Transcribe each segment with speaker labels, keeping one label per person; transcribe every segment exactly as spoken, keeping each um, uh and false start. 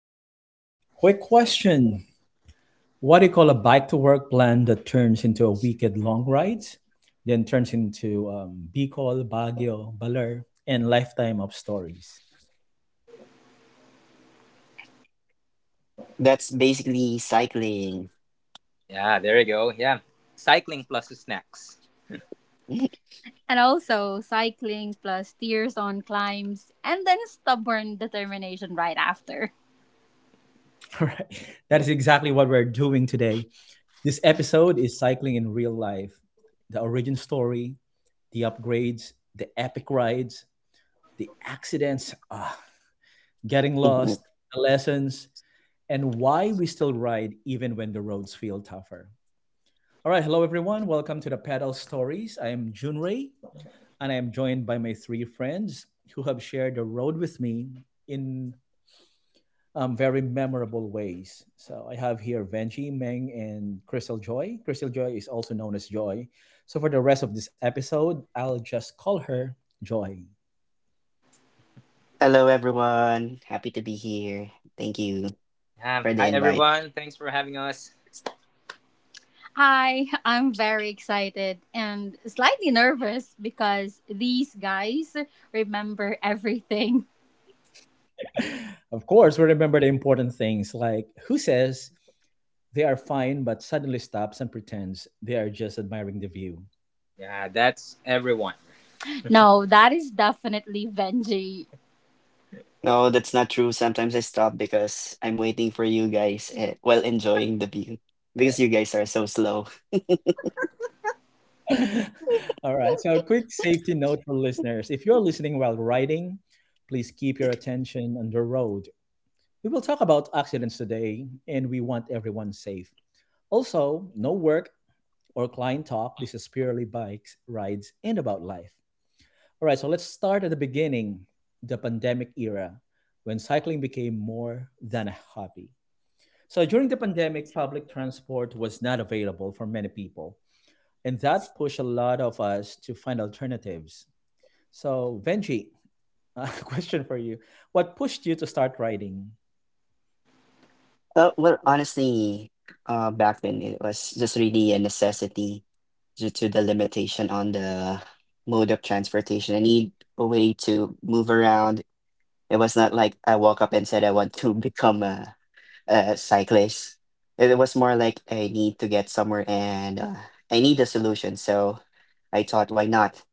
Speaker 1: All right. Quick question. What do you call a bike to work plan that turns into a weekend long ride, then turns into um, Bicol, Baguio, Baler, and lifetime of stories?
Speaker 2: That's basically cycling.
Speaker 3: Yeah, there you go. Yeah. Cycling plus snacks. And also cycling plus tears on climbs and then stubborn determination right after.
Speaker 1: All right. That is exactly what we're doing today. This episode is cycling in real life, the origin story, the upgrades, the epic rides, the accidents. Ah, getting lost, the lessons, and why we still ride even when the roads feel tougher. All right, hello everyone. Welcome to the Pedal Stories. I am Junrei, and I am joined by my three friends who have shared the road with me in um, very memorable ways. So I have here Venji, Meng, and Crystal Joy. Crystal Joy is also known as Joy. So for the rest of this episode, I'll just call her Joy.
Speaker 2: Hello, everyone. Happy to be here. Thank you
Speaker 3: Um,
Speaker 2: for the
Speaker 3: hi,
Speaker 2: invite.
Speaker 3: everyone. Thanks for having us. Hi, I'm very excited and slightly nervous because these guys remember everything.
Speaker 1: Of course, we remember the important things like who says they are fine but suddenly stops and pretends they are just admiring the view.
Speaker 3: Yeah, that's everyone. No, that is definitely Benji.
Speaker 2: No, that's not true. Sometimes I stop because I'm waiting for you guys eh, while enjoying the view because you guys are so slow.
Speaker 1: All right, so a quick safety note for listeners. If you're listening while riding, please keep your attention on the road. We will talk about accidents today and we want everyone safe. Also, no work or client talk. This is purely bikes, rides, and about life. All right, so let's start at the beginning, the pandemic era, when cycling became more than a hobby. So during the pandemic, public transport was not available for many people, and that pushed a lot of us to find alternatives. So, Venji, a question for you. What pushed you to start riding?
Speaker 2: Uh, well, honestly, uh, back then it was just really a necessity, due to the limitation on the mode of transportation. I need a way to move around. It was not like I woke up and said I want to become a, a cyclist. It was more like I need to get somewhere and uh, I need a solution. So I thought, why not?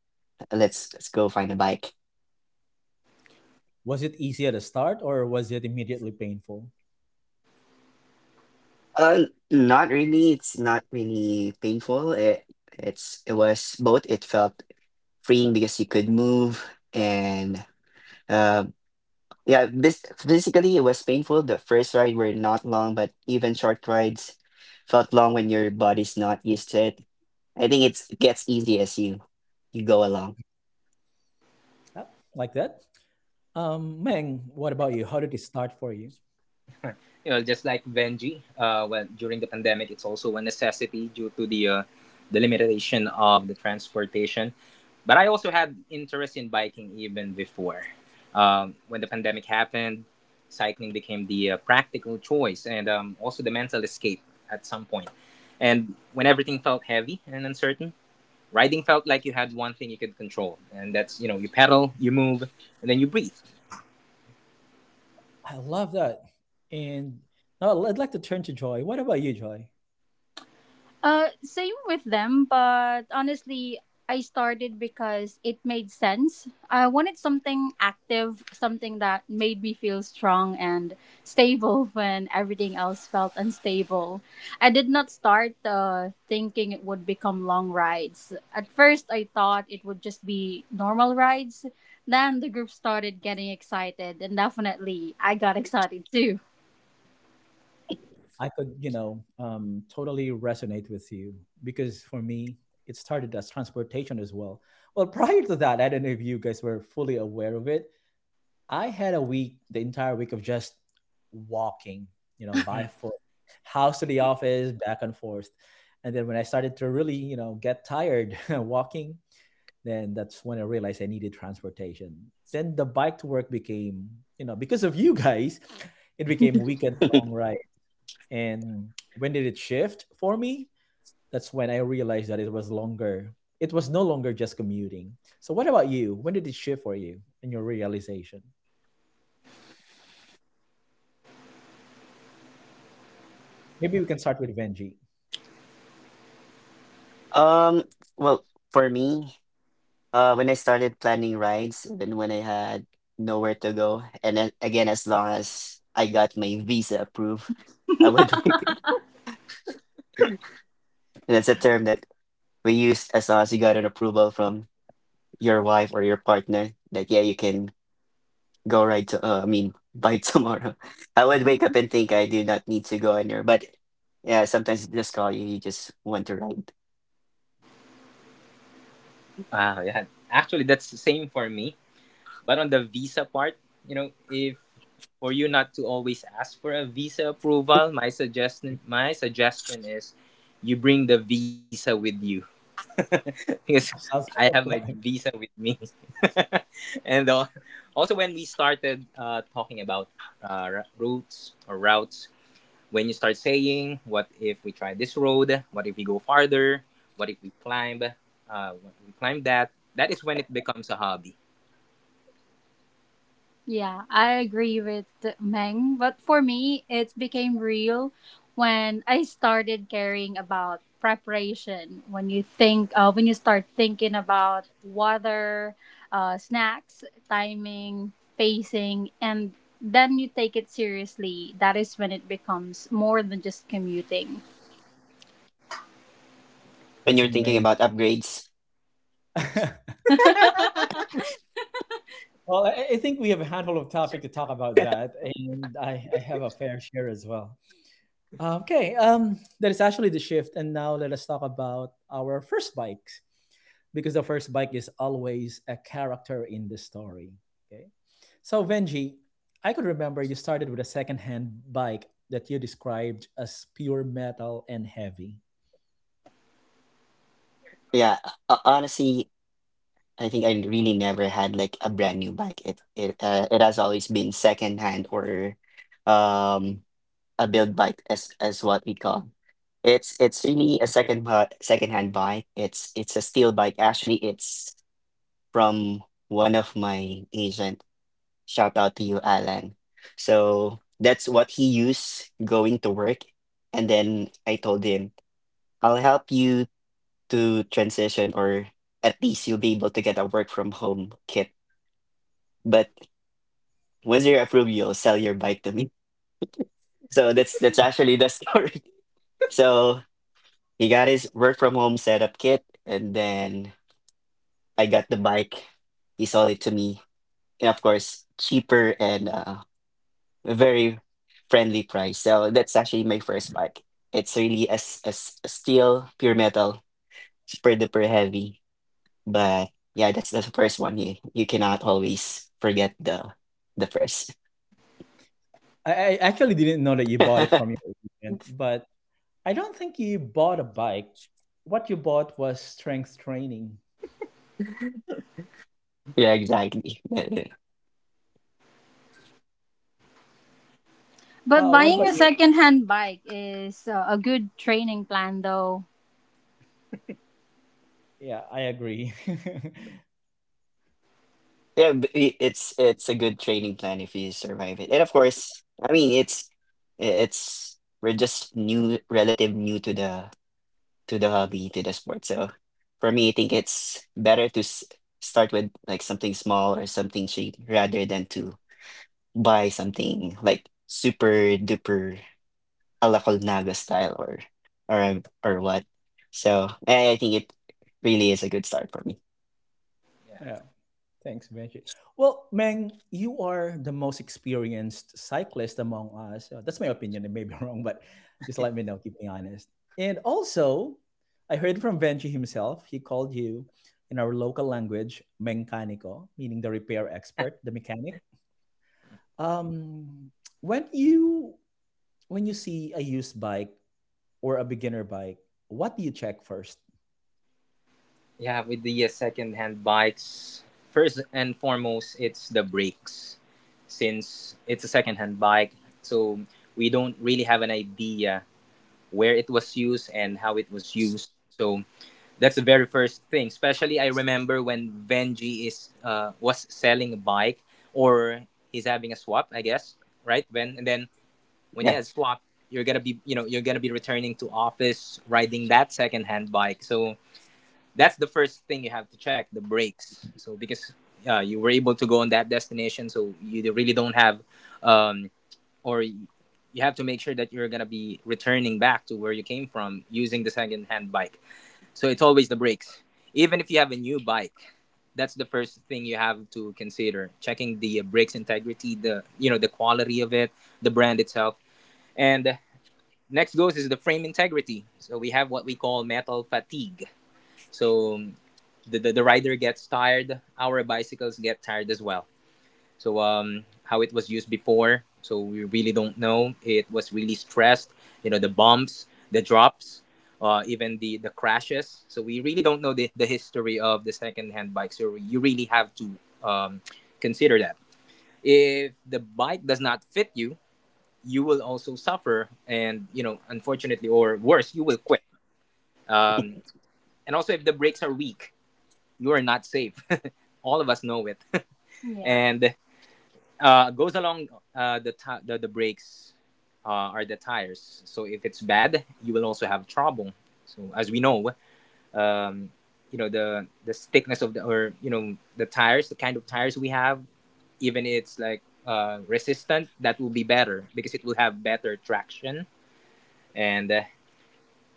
Speaker 2: Let's let's go find a bike.
Speaker 1: Was it easy at the start or was it immediately painful?
Speaker 2: Uh, Not really. It's not really painful. It it's it was both. It felt freeing because you could move and uh. Yeah, this physically it was painful. The first ride were not long, but even short rides felt long when your body's not used to it. I think it's it gets easy as you you go along.
Speaker 1: Yeah, like that. Um, Meng, what about you? How did it start for you?
Speaker 3: you know, just like Benji, uh, well, during the pandemic, it's also a necessity due to the uh, the limitation of the transportation. But I also had interest in biking even before. Um, when the pandemic happened, cycling became the uh, practical choice and um, also the mental escape at some point. And when everything felt heavy and uncertain, riding felt like you had one thing you could control, and that's, you know, you pedal, you move, and then you breathe.
Speaker 1: I love that. And now I'd like to turn to Joy. What about you, Joy?
Speaker 3: Uh, same with them, but honestly, I started because it made sense. I wanted something active, something that made me feel strong and stable when everything else felt unstable. I did not start uh, thinking it would become long rides. At first, I thought it would just be normal rides. Then the group started getting excited, and definitely I got excited too.
Speaker 1: I could, you know, um, totally resonate with you because for me, it started as transportation as well. Well, prior to that, I don't know if you guys were fully aware of it. I had a week, the entire week of just walking, you know, by
Speaker 3: Mm.
Speaker 1: foot, house to the office, back and forth. And then when I started to really, you know, get tired walking, then that's when I realized I needed transportation. Then the bike to work became, you know, because of you guys, it became weekend long, and when did it shift for me? That's when I realized that it was longer. It was no longer just commuting. So, what about you? When did it shift for you in your realization? Maybe we can start with Venji.
Speaker 2: Um, well, for me, uh, when I started planning rides, then when I had nowhere to go, and then again, as long as I got my visa approved, I would. That's a term that we use. As long as you got an approval from your wife or your partner that, yeah, you can go, right to, uh, I mean, by tomorrow, I would wake up and think I do not need to go anywhere. But yeah, sometimes it just call you, you just want to ride
Speaker 3: Wow, yeah. Actually, that's the same for me. But on the visa part, you know, if for you not to always ask for a visa approval, my suggestion my suggestion is you bring the visa with you. Because I
Speaker 1: Sounds
Speaker 3: have
Speaker 1: like
Speaker 3: my
Speaker 1: a plan.
Speaker 3: visa with me. and uh, also when we started uh, talking about uh, r- routes or routes, when you start saying, "What if we try this road? What if we go farther? What if we climb? Uh, what if we climb that?" That is when it becomes a hobby. Yeah, I agree with Meng, but for me, it became real when I started caring about preparation. When you think, uh, when you start thinking about water, uh, snacks, timing, pacing, and then you take it seriously. That is when it becomes more than just commuting.
Speaker 2: when
Speaker 1: That's
Speaker 2: you're thinking about
Speaker 1: amazing.
Speaker 2: upgrades.
Speaker 1: Well, I I think we have a handful of topic to talk about that, and I, I have a fair share as well. Uh, okay, um, that is actually the shift, and now let us talk about our first bikes because the first bike is always a character in the story. Okay, so Venji, I could remember you started with a secondhand bike that you described as pure metal and heavy.
Speaker 2: Yeah, uh, honestly, I think I really never had like a brand new bike. It it uh, it has always been second hand, or um a build bike, as as what we call. It's it's really a second bu- second hand bike. It's it's a steel bike, actually. It's from one of my agent. Shout out to you, Alan. So that's what he used going to work. And then I told him, I'll help you to transition, or at least you'll be able to get a work from home kit. But once you're approved, you'll sell your bike to me. So that's that's actually the story. So he got his work from home setup kit, and then I got the bike. He sold it to me. And of course, cheaper, and uh a very friendly price. So that's actually my first bike. It's really a, s- a s- a steel, pure metal, super duper heavy. But yeah, that's the first one. You you cannot always forget the the first.
Speaker 1: I, I actually didn't know that you bought it from your agent, but I don't think you bought a bike. What you bought was strength training.
Speaker 2: Yeah, exactly.
Speaker 3: But
Speaker 1: Uh, what
Speaker 3: buying
Speaker 1: about
Speaker 3: a
Speaker 1: you?
Speaker 3: secondhand bike is uh, a good training plan, though.
Speaker 1: Yeah, I agree.
Speaker 2: Yeah, but it's it's a good training plan if you survive it. And of course, I mean, it's it's we're just new, relative new to the to the hobby, to the sport. So for me, I think it's better to s- start with like something small or something cheap, rather than to buy something like super duper a la Colnago style, or or um, or what. So I, I think it really is a good start for me.
Speaker 1: Yeah, thanks, Benji. Well, Meng, you are the most experienced cyclist among us. Uh, That's my opinion. It may be wrong, but just let me know. Keep me honest. And also, I heard from Benji himself. He called you, in our local language, mecanico, meaning the repair expert, the mechanic. Um, when you when you see a used bike or a beginner bike, what do you check first?
Speaker 3: Yeah, with the uh, second-hand bikes, first and foremost, it's the brakes. Since it's a second-hand bike, so we don't really have an idea where it was used and how it was used. So that's the very first thing. Especially, I remember when Benji is uh, was selling a bike, or he's having a swap, I guess, right? When and then when he
Speaker 2: Yeah.
Speaker 3: has swap, you're gonna be, you know, you're gonna be returning to office riding that second-hand bike. So that's the first thing, you have to check the brakes. So because uh, you were able to go on that destination, so you really don't have, um, or you have to make sure that you're going to be returning back to where you came from using the second hand bike. So it's always the brakes. Even if you have a new bike, that's the first thing you have to consider, checking the uh, brakes integrity, the, you know, the quality of it, the brand itself. And next goes is the frame integrity. So we have what we call metal fatigue. So the, the, the rider gets tired, our bicycles get tired as well. So, um, how it was used before, so we really don't know. It was really stressed, you know, the bumps, the drops, uh, even the the crashes. So we really don't know the, the history of the second-hand bike. So you really have to, um, consider that. If the bike does not fit you, you will also suffer, and, you know, unfortunately or worse, you will quit. Um, and also, if the brakes are weak, you are not safe. All of us know it. Yeah. And uh, goes along uh, the, ti the the brakes, uh, are the tires. So if it's bad, you will also have trouble. So as we know, um, you know, the the thickness of the, or, you know, the tires, the kind of tires we have, even it's like uh, resistant, that will be better because it will have better traction. and uh,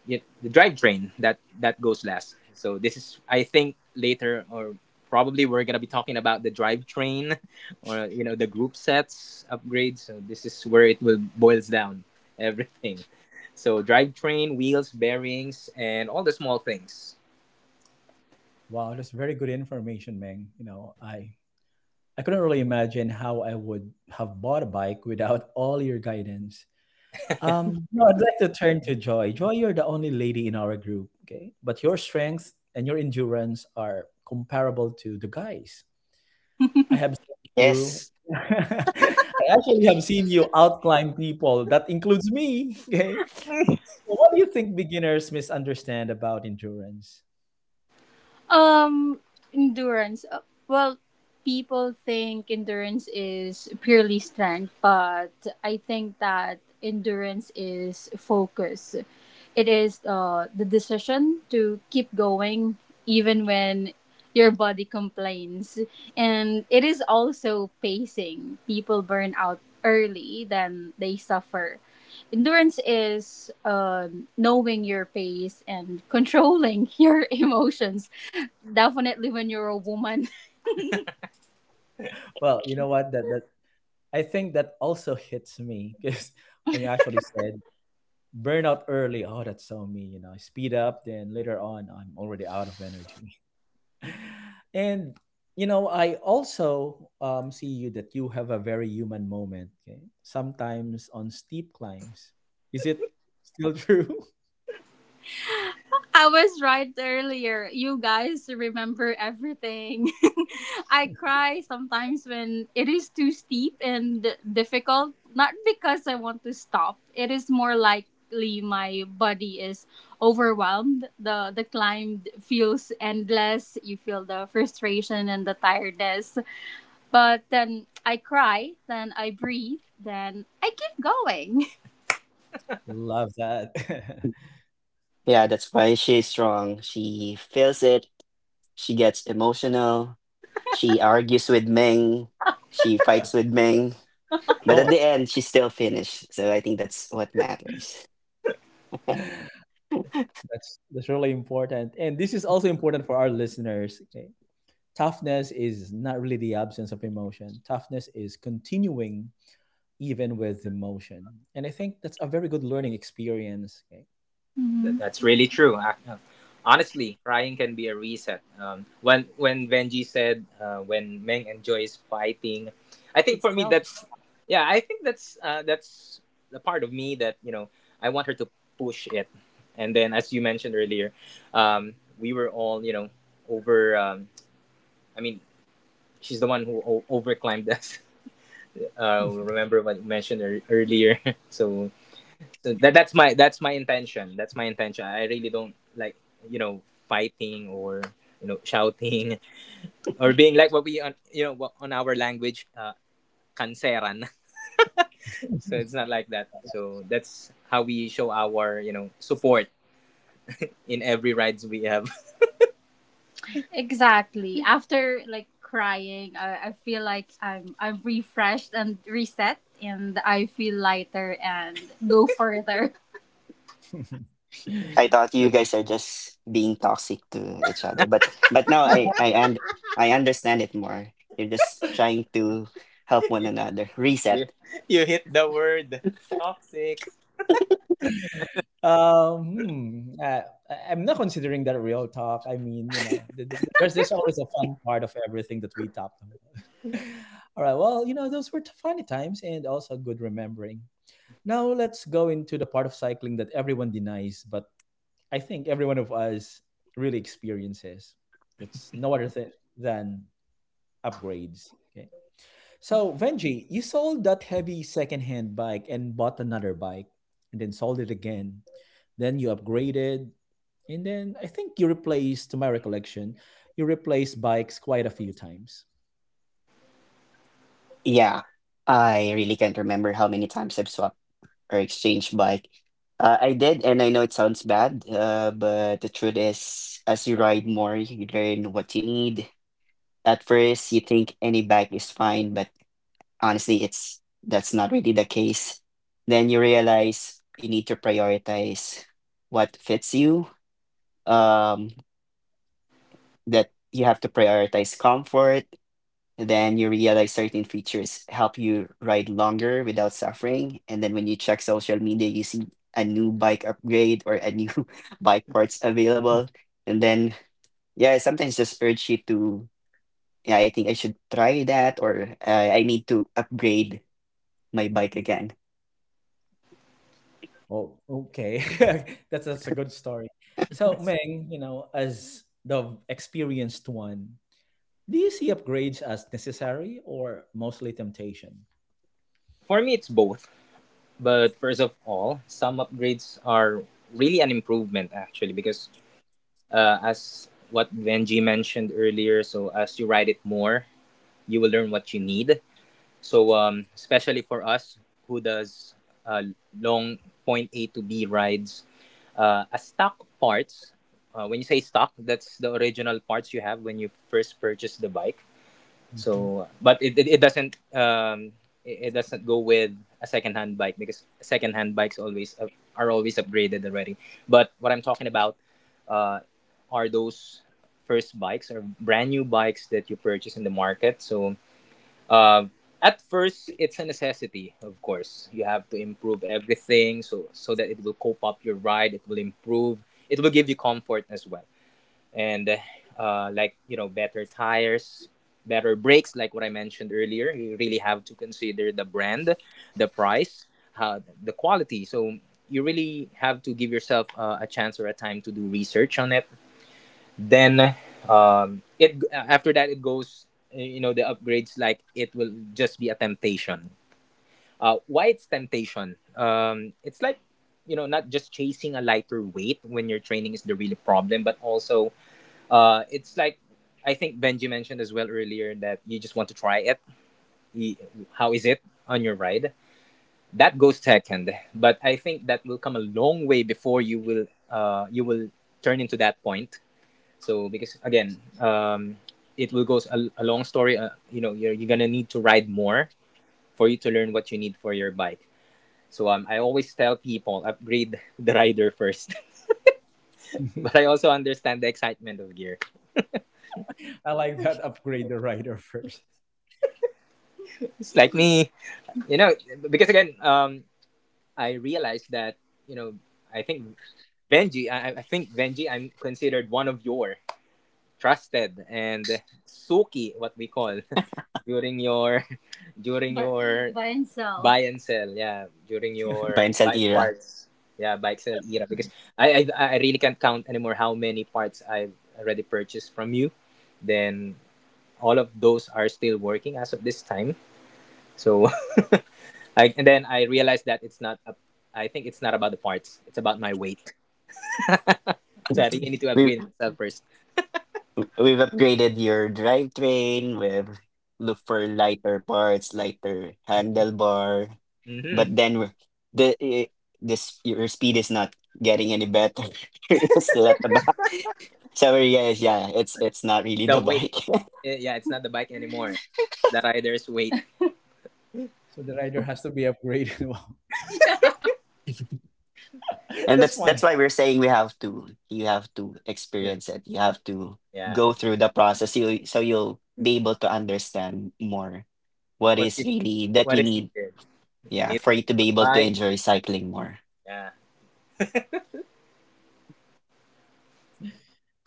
Speaker 3: y- the drivetrain, that that goes last. So this is, I think, later, or probably we're gonna be talking about the drivetrain or, you know, the group sets upgrades. So this is where it will boils down everything. So drivetrain, wheels, bearings, and all the small things.
Speaker 1: Wow, that's very good information, Meng. You know, I I couldn't really imagine how I would have bought a bike without all your guidance. Um, no, I'd like to turn to Joy. Joy, you're the only lady in our group, okay? But your strengths and your endurance are comparable to the guys. I have seen you.
Speaker 2: Yes.
Speaker 1: I actually have seen you outclimb people. That includes me, okay? So, what do you think beginners misunderstand about endurance?
Speaker 3: Um, endurance. Uh, well, people think endurance is purely strength, but I think that endurance is focus. It is uh, the decision to keep going even when your body complains. And it is also pacing. People burn out early, then they suffer. Endurance is, um, knowing your pace and controlling your emotions. Definitely when you're a woman.
Speaker 1: Well, you know what? That that I think that also hits me because when you actually said burn out early. Oh, that's so me, you know. I speed up, then later on I'm already out of energy, and you know I also um, see you, that you have a very human moment. Okay, sometimes on steep climbs, is it still true?
Speaker 3: I was right earlier. You guys remember everything. I cry sometimes when it is too steep and difficult. Not because I want to stop. It is more likely my body is overwhelmed. The the climb feels endless. You feel the frustration and the tiredness. But then I cry, then I breathe, then I keep going.
Speaker 1: Love that.
Speaker 2: Yeah, that's why she's strong. She feels it. She gets emotional. She argues with Meng. She fights with Meng. But
Speaker 1: Oh,
Speaker 2: at the end, she still finished. So I think that's what matters.
Speaker 1: that's that's really important, and this is also important for our listeners. Okay, toughness is not really the absence of emotion. Toughness is continuing even with emotion, and I think that's a very good learning experience. Okay,
Speaker 3: Th- That's really true. I- uh, honestly, crying can be a reset. Um, when when Benji said uh, when Meng enjoys fighting, I think
Speaker 1: it's
Speaker 3: for me
Speaker 1: twelve.
Speaker 3: that's, yeah. I think that's uh, that's the part of me that, you know, I want her to push it. And then, as you mentioned earlier, um, we were all, you know, over. Um, I mean, she's the one who o- overclimbed us. Uh, remember what you mentioned ear earlier. So so that that's my that's my intention that's my intention I really don't like, you know, fighting or, you know, shouting or being like what we on, you know, what on our language, uh, kanseran. So it's not like that. So that's how we show our, you know, support in every rides we have. Exactly. After like crying, I, I feel like I'm I'm refreshed and reset, and I feel lighter and go further.
Speaker 2: I thought you
Speaker 1: that's
Speaker 2: guys are just being toxic to each other, but but now I I and I understand it more. You're just trying to help one
Speaker 3: you,
Speaker 2: another
Speaker 3: you
Speaker 2: reset.
Speaker 3: you hit the word toxic.
Speaker 1: Um, hmm, uh, I- I'm not considering that real talk. I mean, you know, th- th- there's there's always a fun part of everything that we talked about. All right. Well, you know, those were funny times and also good remembering. Now let's go into the part of cycling that everyone denies, but I think every one of us really experiences. That's no other thing than upgrades. Okay. So, Venji, you sold that heavy secondhand bike and bought another bike and then sold it again. Then you upgraded. And then I think you replaced, to my recollection, you replaced bikes quite a few times.
Speaker 2: Yeah, I really can't remember how many times I've swapped or exchanged bike. Uh, I did, and I know it sounds bad, uh, but the truth is, as you ride more, you learn what you need. At first, you think any bike is fine, but honestly, it's that's not really the case. Then you realize you need to prioritize what fits you, um that you have to prioritize comfort. Then you realize certain features help you ride longer without suffering. And then when you check social media, you see a new bike upgrade, or a new bike parts
Speaker 1: Hmm.
Speaker 2: available. And then, yeah, sometimes just urge you to, yeah, I think I should try that, or uh, I need to upgrade my bike again.
Speaker 1: Oh, okay. That's that's a good story. So, Meng, you know, as the experienced one, do you see upgrades as necessary or mostly temptation?
Speaker 3: For me, it's both. But first of all, some upgrades are really an improvement actually because, uh, as what Benji mentioned earlier, so as you ride it more, you will learn what you need. So, um, especially for us who does uh, long point A to B rides, uh, a stock parts. Uh, when you say stock, that's the original parts you have when you first purchase the bike.
Speaker 1: Mhm.
Speaker 3: So, but it, it, it doesn't, um, it, it doesn't go with a secondhand bike because secondhand bikes always up, are always upgraded already. But what I'm talking about, uh, are those first bikes or brand new bikes that you purchase in the market. So, uh, at first, it's a necessity. Of course, you have to improve everything, so so that it will cope up your ride. It will improve. It will give you comfort as well. And uh, like, you know, better tires, better brakes. Like what I mentioned earlier, you really have to consider the brand, the price, how the quality. So you really have to give yourself uh, a chance or a time to do research on it. Then, um, it after that it goes, you know, the upgrades. Like, it will just be a temptation. Uh, why it's temptation, um, it's like, you know, not just chasing a lighter weight when your training is the real problem, but also, uh, it's like, I think Benji mentioned as well earlier, that you just want to try it. Y- How is it on your ride? That goes second, but I think that will come a long way before you will uh, you will turn into that point. So because again, um, it will go a, a long story. Uh, you know, you're, you're gonna need to ride more for you to learn what you need for your bike. So, um, I always tell people, upgrade the rider first. But I also understand the excitement of gear.
Speaker 1: I like that, upgrade the rider first.
Speaker 3: It's like me, you know, because again, um, I realized that, you know, I think Benji, I, I think Benji, I'm considered one of your trusted and Suki, what we call during your during. But your buy and sell. Buy and sell, yeah, during your
Speaker 2: Pansel
Speaker 3: bike
Speaker 2: era.
Speaker 3: parts. Yeah, bike sell era. Because I, I i really can't count anymore how many parts I've already purchased from you. Then all of those are still working as of this time. So I, and then I realized that it's not. a- I think it's not about the parts. It's about my weight. So I really need to
Speaker 2: We've
Speaker 3: upgrade myself first.
Speaker 2: we've upgraded your drivetrain. We've looked for lighter parts, lighter handlebar.
Speaker 3: Hmm.
Speaker 2: But then we're- the eh, this your speed is not getting any better. You're still at the back. So yes, yeah, it's it's not really the
Speaker 3: The weight.
Speaker 2: bike,
Speaker 3: Eh, yeah, it's not the bike anymore. The rider's weight.
Speaker 1: So the rider has to be upgraded. Wow.
Speaker 2: and
Speaker 1: That's
Speaker 2: that's that's
Speaker 1: funny.
Speaker 2: why we're saying, we have to you have to
Speaker 3: Mm,
Speaker 2: experience it. You have to
Speaker 3: yeah.
Speaker 2: go through the process. You so you'll be able to understand more what
Speaker 3: What
Speaker 2: is
Speaker 3: you,
Speaker 2: really that
Speaker 3: what
Speaker 2: you
Speaker 3: is
Speaker 2: need.
Speaker 3: needed?
Speaker 2: Yeah,
Speaker 3: Need
Speaker 2: for
Speaker 3: a
Speaker 2: you
Speaker 3: change
Speaker 2: to be
Speaker 3: of
Speaker 2: able to
Speaker 3: bike.
Speaker 2: enjoy cycling more.
Speaker 3: Yeah.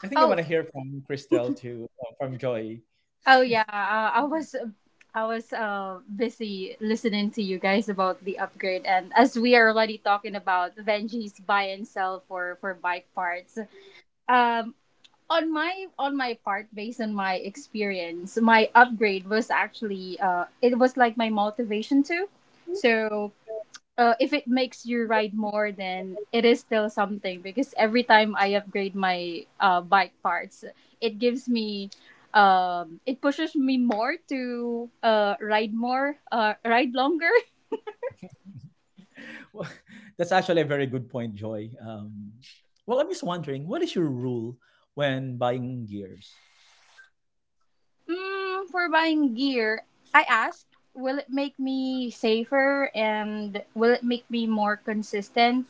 Speaker 1: I think I
Speaker 3: Oh,
Speaker 1: want to hear from Christelle too, uh, from Joy.
Speaker 3: oh yeah. Uh, I was, I was uh, busy listening to you guys about the upgrade, and as we are already talking about Benji's buy and sell for for bike parts, um, on my on my part, based on my experience, my upgrade was actually uh it was like my motivation too. so uh, if it makes you ride more, then it is still something, because every time I upgrade my uh, bike parts, it gives me um it pushes me more to uh ride more, uh ride longer.
Speaker 1: Well, that's actually a very good point, Joy. Um, well, I'm just wondering, what is your rule when buying gears?
Speaker 3: Mm, for buying gear, I asked, will it make me safer, and will it make me more consistent?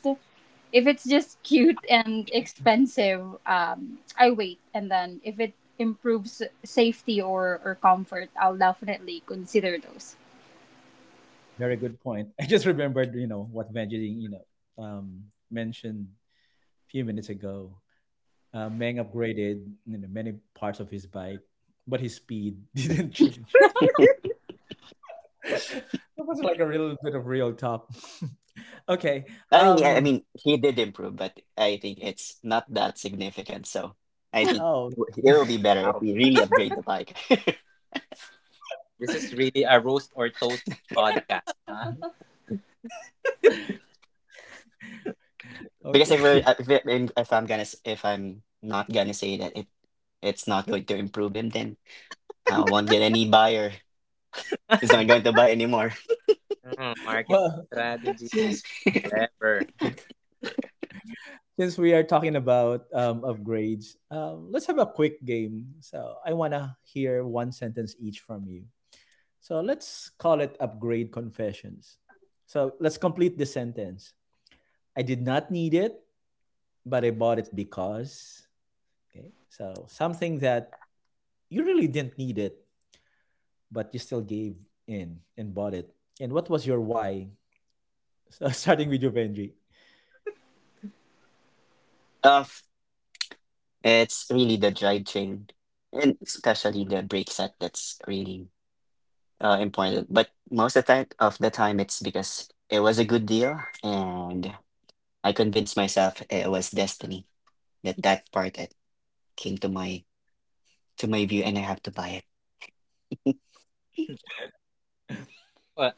Speaker 3: If it's just cute and expensive, um, I wait. And then if it improves safety or, or comfort, I'll definitely consider those.
Speaker 1: Very good point. I just remembered, you know, what Vangeline, you know, um, mentioned a few minutes ago. Uh, Meng upgraded, you know, many parts of his bike, but his speed didn't change. That was like a little bit of real talk. Okay.
Speaker 2: I mean, yeah, I
Speaker 1: Um.
Speaker 2: mean, he did improve, but I think it's not that significant. So I think
Speaker 1: Oh.
Speaker 2: it will be better if
Speaker 3: Wow.
Speaker 2: we really upgrade the bike.
Speaker 3: This is really a roast or toast podcast, huh?
Speaker 2: Because if we're,
Speaker 1: Okay.
Speaker 2: if, it- if if I'm gonna, s- if I'm not gonna say that it, it's not going to improve him, then I won't get any buyer. He's not going to buy anymore.
Speaker 3: Mm, marketing
Speaker 1: Well,
Speaker 3: strategy.
Speaker 1: since
Speaker 3: Clever.
Speaker 1: since we are talking about um, upgrades, um, let's have a quick game. So I wanna hear one sentence each from you. So let's call it upgrade confessions. So let's complete the sentence. I did not need it, but I bought it because, okay. So something that you really didn't need it, but you still gave in and bought it. And what was your why? So starting with you, Benji.
Speaker 2: Uh, it's really the drivetrain, and especially the brake set that's really uh, important. But most of the time, of the time, it's because it was a good deal. And I convinced myself it was destiny, that that part, it came to my to my view, and I have to buy it.
Speaker 3: Well,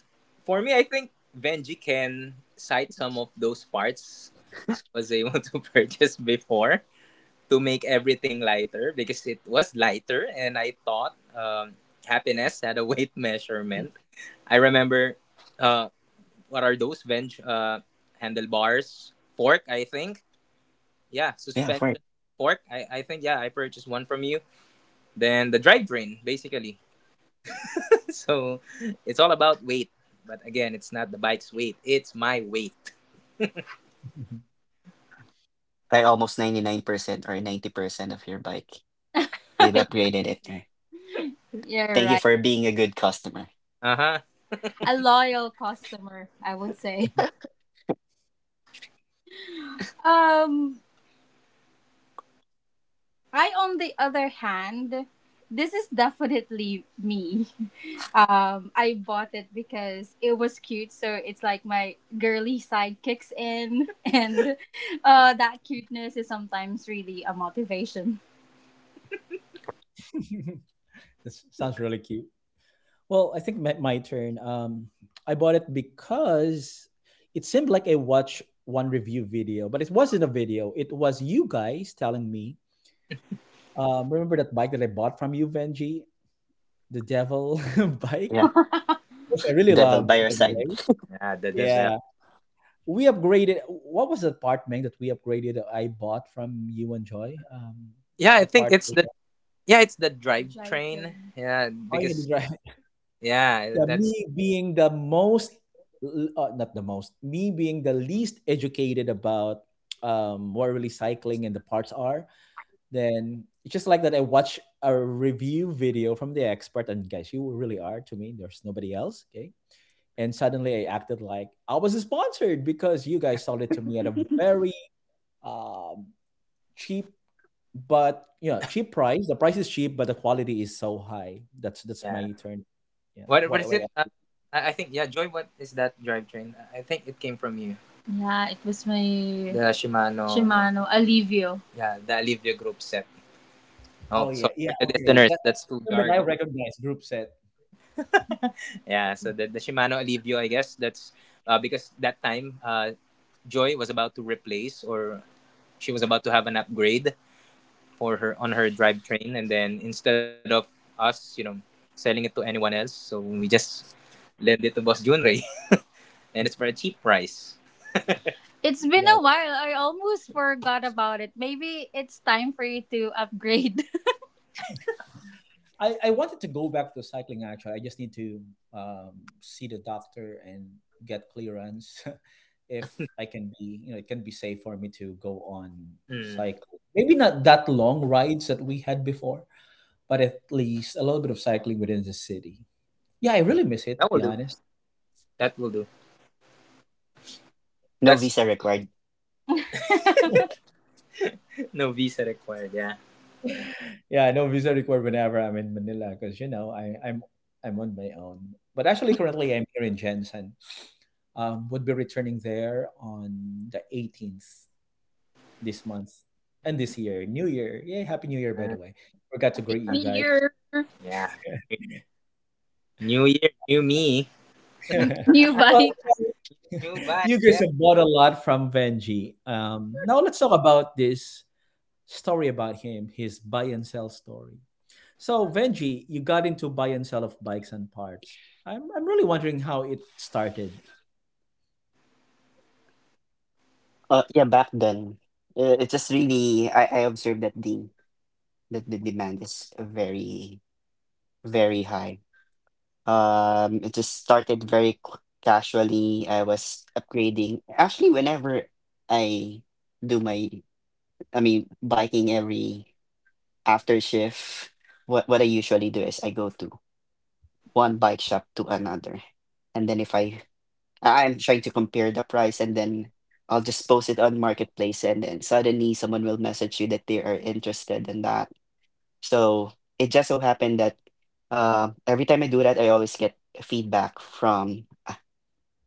Speaker 3: for me, I think Benji can cite some of those parts I was able to purchase before, to make everything lighter, because it was lighter and I thought um, happiness had a weight measurement. I remember uh, what are those bench uh, handlebars? Fork, I think. Yeah,
Speaker 2: Yeah, for it.
Speaker 3: suspension fork. I, I think, yeah, I purchased one from you. Then the drivetrain, basically. So it's all about weight. But again, it's not the bike's weight, it's my weight.
Speaker 2: Like almost ninety-nine percent or ninety percent of your bike. You've upgraded it. eh.
Speaker 3: You're
Speaker 2: Thank you
Speaker 3: right.
Speaker 2: for being a good customer.
Speaker 3: Uh huh. A loyal customer, I would say. Um, I, on the other hand, this is definitely me. Um, I bought it because it was cute, so it's like my girly side kicks in, and uh, that cuteness is sometimes really a motivation.
Speaker 1: This sounds really cute. Well, I think my, my turn. Um, I bought it because it seemed like I watched one review video, but it wasn't a video. It was you guys telling me. Um, remember that bike that I bought from you, Benji? The Devil
Speaker 2: Yeah,
Speaker 1: bike, which I really
Speaker 2: devil
Speaker 1: loved,
Speaker 2: by your
Speaker 1: by the
Speaker 2: side.
Speaker 1: way.
Speaker 3: Yeah, the Devel.
Speaker 1: Yeah. We upgraded. What was the part, Meng, that we upgraded that I bought from you and Joy? Um,
Speaker 3: Yeah, I
Speaker 1: the
Speaker 3: think
Speaker 1: part.
Speaker 3: it's
Speaker 1: with
Speaker 3: the,
Speaker 1: the-
Speaker 3: yeah, it's the drivetrain. Drivetrain. Yeah,
Speaker 1: Oh, yeah, the
Speaker 3: because
Speaker 1: drive.
Speaker 3: yeah,
Speaker 1: Yeah,
Speaker 3: that's
Speaker 1: me being the most, l- uh, not the most, me being the least educated about um, what really cycling and the parts are, then it's just like that. I watch a review video from the expert, and guys, you really are to me. There's nobody else. Okay. And suddenly I acted like I was sponsored because you guys sold it to me at a very um, cheap, but yeah, cheap price. The price is cheap, but the quality is so high. That's that's
Speaker 3: yeah.
Speaker 1: my turn. Yeah.
Speaker 3: What what
Speaker 1: Wait,
Speaker 3: is it?
Speaker 1: wait.
Speaker 3: Uh, I, I think, yeah, Joy, what is that drivetrain? I I think it came from you. Yeah, it was my. The Shimano. Shimano Alivio. Yeah, the Alivio Group set. Oh,
Speaker 1: Oh yeah,
Speaker 3: sorry for
Speaker 1: yeah.
Speaker 3: the
Speaker 1: Okay,
Speaker 3: listeners.
Speaker 1: that,
Speaker 3: That's
Speaker 1: that's the
Speaker 3: too
Speaker 1: term that I
Speaker 3: jargon.
Speaker 1: recognize. Group set.
Speaker 3: Yeah, so the, the Shimano Alivio, I guess that's uh, because that time uh, Joy was about to replace, or she was about to have an upgrade for her on her drivetrain, and then instead of us, you know, selling it to anyone else, so we just lend it to Boss Junrei, and it's for a cheap price. It's been a
Speaker 1: Yeah.
Speaker 3: while. I almost forgot about it. Maybe it's time for you to upgrade.
Speaker 1: I, I wanted to go back to cycling actually. I just need to um, see the doctor and get clearance if I can be, you know, it can be safe for me to go on
Speaker 3: Hmm.
Speaker 1: cycle. Maybe not that long rides that we had before, but at least a little bit of cycling within the city. Yeah, I
Speaker 3: Yeah,
Speaker 1: really miss it, to
Speaker 3: that will
Speaker 1: be
Speaker 3: do.
Speaker 1: honest. Yep.
Speaker 3: That will do.
Speaker 2: No
Speaker 3: That's
Speaker 2: visa required.
Speaker 3: no visa required. Yeah.
Speaker 1: Yeah, I know visa required whenever I'm in Manila because you know I, I'm I'm on my own. But actually, currently I'm here in Jensen. Um, would be returning there on the eighteenth, this month and this year. New Year. Yay, Happy New Year, by the
Speaker 3: Uh,
Speaker 1: way. Forgot to
Speaker 3: Happy
Speaker 1: greet you
Speaker 3: New
Speaker 1: guys.
Speaker 3: Year, yeah. New year, new me, new bike.
Speaker 1: Well, you know,
Speaker 3: New bike.
Speaker 1: you guys
Speaker 3: Yeah.
Speaker 1: have bought a lot from Benji. Um, now let's talk about this story about him, his buy and sell story. So, Benji, you got into buy and sell of bikes and parts. I'm, I'm really wondering how it started.
Speaker 2: Uh, yeah, back then, uh, it just really, I, I observed that the that the demand is very, very high. Um, it just started very c- casually. I was upgrading. Actually, whenever I do my, I mean, biking every after shift, what what I usually do is I go to one bike shop to another, and then if I I- I'm trying to compare the price, and then I'll just post it on Marketplace, and then suddenly someone will message you that they are interested in that. So it just so happened that, uh, every time I do that, I always get feedback from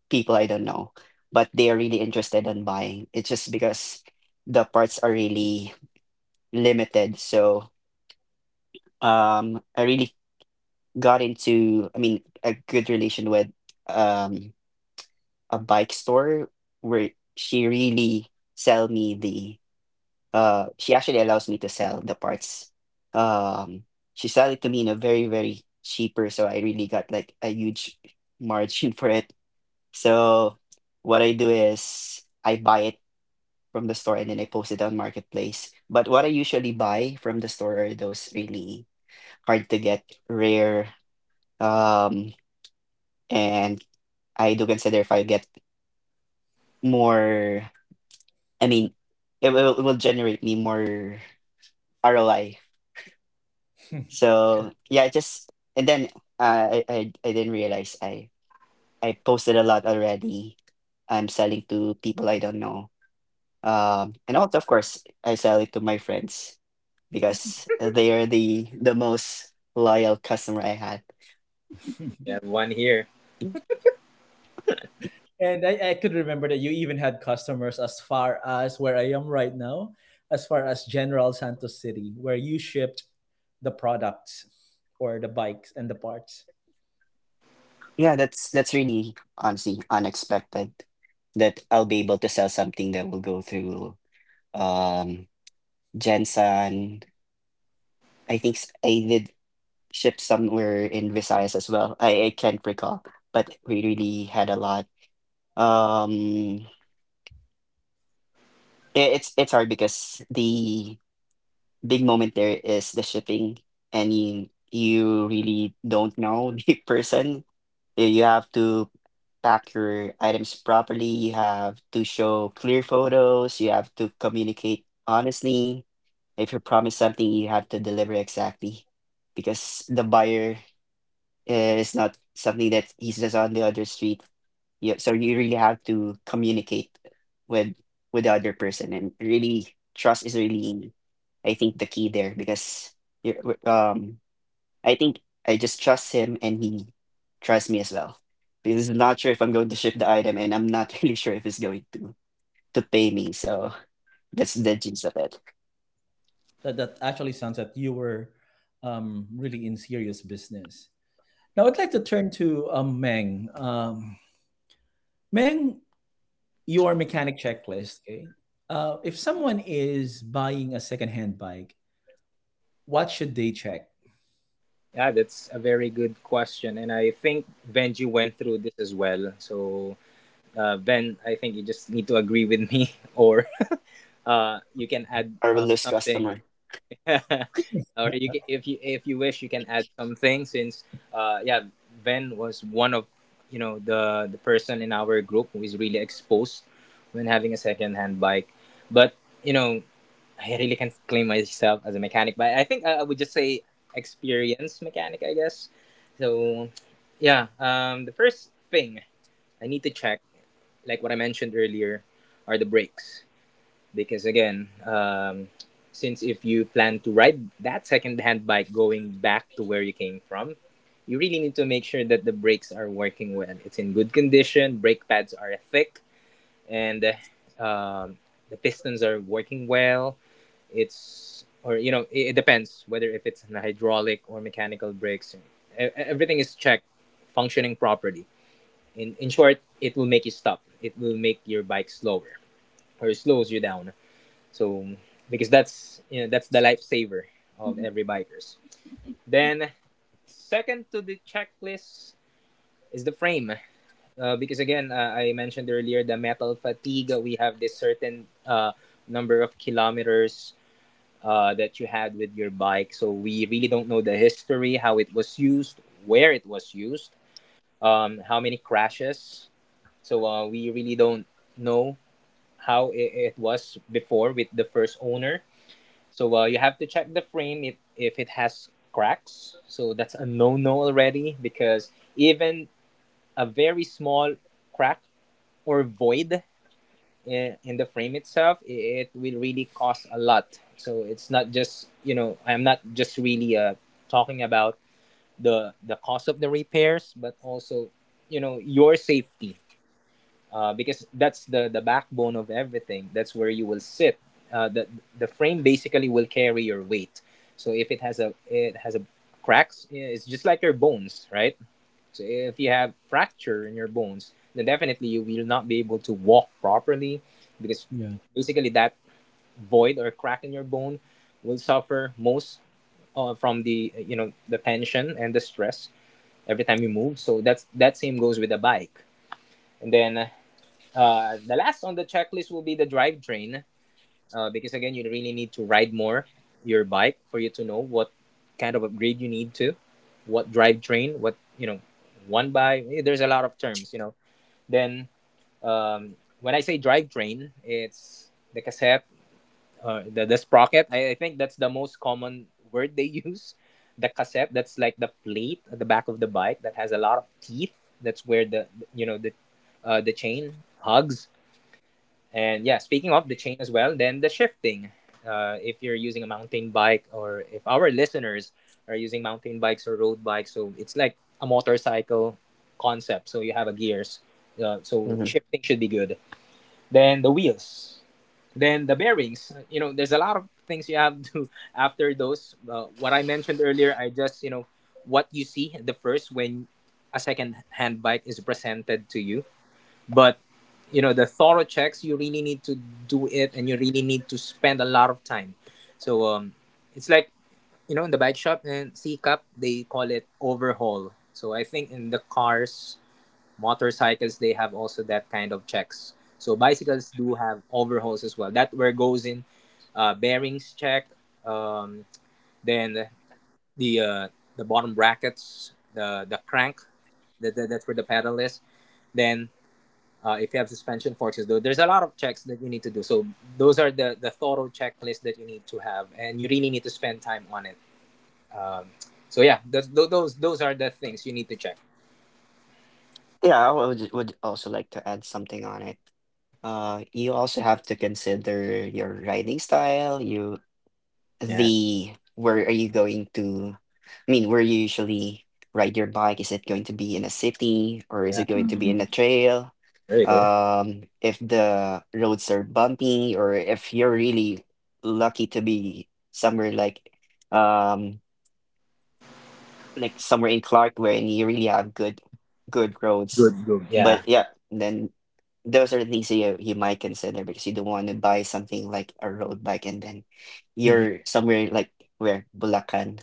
Speaker 2: people I don't know, but they are really interested in buying. It's just because the parts are really limited. So, um, I really got into, I mean, a good relation with, um, a bike store where she really sell me the. Uh, she actually allows me to sell the parts. Um, she sell it to me in a very very cheaper, so I really got like a huge margin for it. So what I do is I buy it from the store, and then I post it on Marketplace. But what I usually buy from the store are those really hard to get, rare, um, and I do consider if I get more, I mean, it will, it will generate me more R O I. So yeah, it just and then uh, I, I I didn't realize I I posted a lot already. I'm selling to people I don't know. Um, and also, of course, I sell it to my friends, because they are the the most loyal customer I had.
Speaker 3: Yeah, one here.
Speaker 1: And I, I could remember that you even had customers as far as where I am right now, as far as General Santos City, where you shipped the products or the bikes and the parts.
Speaker 2: Yeah, that's that's really honestly unexpected that I'll be able to sell something that will go through, um Jensen. I think s- I did ship somewhere in Visayas as well. I, I can't recall, but we really had a lot. Um i- it's it's hard because the big moment there is the shipping, and you you really don't know the person. Yeah, you have to pack your items properly. You have to show clear photos. You have to communicate honestly. If you promise something, you have to deliver exactly, because the buyer, eh, is not something that he's just on the other street. Yeah, so you really have to communicate with with the other person, and really trust is really, I think, the key there. Because you're w- um I think I just trust him, and he trusts me as well. Because I not sure if I'm going to ship the item, and I'm not really sure if he's going to to pay me. So that's the gist of it.
Speaker 1: That that actually sounds that you were um, really in serious business. Now I'd like to turn to um, Meng. Um, Meng, your mechanic checklist. Okay, uh, if someone is buying a secondhand bike, what should they check?
Speaker 3: Yeah, that's a very good question, and I think Benji went through this as well. So, uh, Ben, I think you just need to agree with me, or uh, you can add
Speaker 2: Or will
Speaker 3: uh,
Speaker 2: lose
Speaker 3: something.
Speaker 2: customer.
Speaker 3: Or you can, if you if you wish, you can add something, since uh yeah, Ben was one of, you know, the the person in our group who is really exposed when having a second hand bike. But, you know, I really can't claim myself as a mechanic, but I think uh, I would just say experienced mechanic, I guess. So yeah, um the first thing I need to check, like what I mentioned earlier, are the brakes, because again, um, since if you plan to ride that second-hand bike going back to where you came from, you really need to make sure that the brakes are working well. It's in good condition, brake pads are thick, and uh, um, the pistons are working well. It's, or you know, it, it depends whether if it's an hydraulic or mechanical brakes. E- e, everything is checked, functioning properly. in in short, it will make you stop, it will make your bike slower, or it slows you down. So, because that's, you know, that's the lifesaver of Mhm. every bikers. Then second to the checklist is the frame. Uh, because again, uh, I mentioned earlier the metal fatigue. We have this certain uh, number of kilometers uh, that you had with your bike. So we really don't know the history, how it was used, where it was used, um, how many crashes. So uh, we really don't know how it, it was before with the first owner. So uh, you have to check the frame if, if it has cracks. So that's a no no already, because even a very small crack or void in, in the frame itself, it, it will really cost a lot. So it's not just, you know, I'm not just really uh, talking about the, the cost of the repairs, but also, you know, your safety, uh, because that's the the backbone of everything. That's where you will sit. Uh, the the frame basically will carry your weight. So if it has a it has a cracks, yeah, it's just like your bones, right? So if you have fracture in your bones, then definitely you will not be able to walk properly, because
Speaker 1: Yeah,
Speaker 3: basically that void or crack in your bone will suffer most uh, from the, you know, the tension and the stress every time you move. So that's, that same goes with the bike. And then uh, the last on the checklist will be the drivetrain, uh, because again, you really need to ride more your bike for you to know what kind of upgrade you need to, what drivetrain, what, you know, one by. Eh, there's a lot of terms, you know. Then um, when I say drivetrain, it's the cassette, uh, the the sprocket. I, I think that's the most common word they use. The cassette, that's like the plate at the back of the bike that has a lot of teeth. That's where the, you know, the uh, the chain hugs, and yeah, speaking of the chain as well, then the shifting. Uh, if you're using a mountain bike, or if our listeners are using mountain bikes or road bikes, so it's like a motorcycle concept. So you have a gears. Uh, so
Speaker 2: Mhm.
Speaker 3: shifting should be good. Then the wheels. Then the bearings. You know, there's a lot of things you have to after those. Uh, what I mentioned earlier, I just, you know, what you see the first when a second hand bike is presented to you, but, you know, the thorough checks you really need to do it, and you really need to spend a lot of time. So um it's like, you know, in the bike shop, and c cup they call it overhaul. So I think in the cars, motorcycles, they have also that kind of checks. So bicycles do have overhauls as well, that where goes in uh, bearings check, um, then the uh, the bottom brackets, the the crank, that, that, that's where the pedal is. Then uh, if you have suspension forces, though, there's a lot of checks that you need to do. So those are the, the thorough checklist that you need to have, and you really need to spend time on it. Um, so yeah, those, those those are the things you need to check.
Speaker 2: Yeah, I would, would also like to add something on it. Uh, you also have to consider your riding style. You
Speaker 3: Yeah,
Speaker 2: the where are you going to I mean, where you usually ride your bike? Is it going to be in a city, or is
Speaker 3: yeah.
Speaker 2: it going to be in a
Speaker 3: Mhm.
Speaker 2: trail?
Speaker 3: There you go.
Speaker 2: Um, if the roads are bumpy, or if you're really lucky to be somewhere like, um like somewhere in Clark, where you really have good good roads.
Speaker 3: Good, good. Yeah.
Speaker 2: But yeah, then those are the things that you, you might consider, because you don't want to buy something like a road bike, and then
Speaker 3: Hmm.
Speaker 2: you're somewhere like where Bulacan,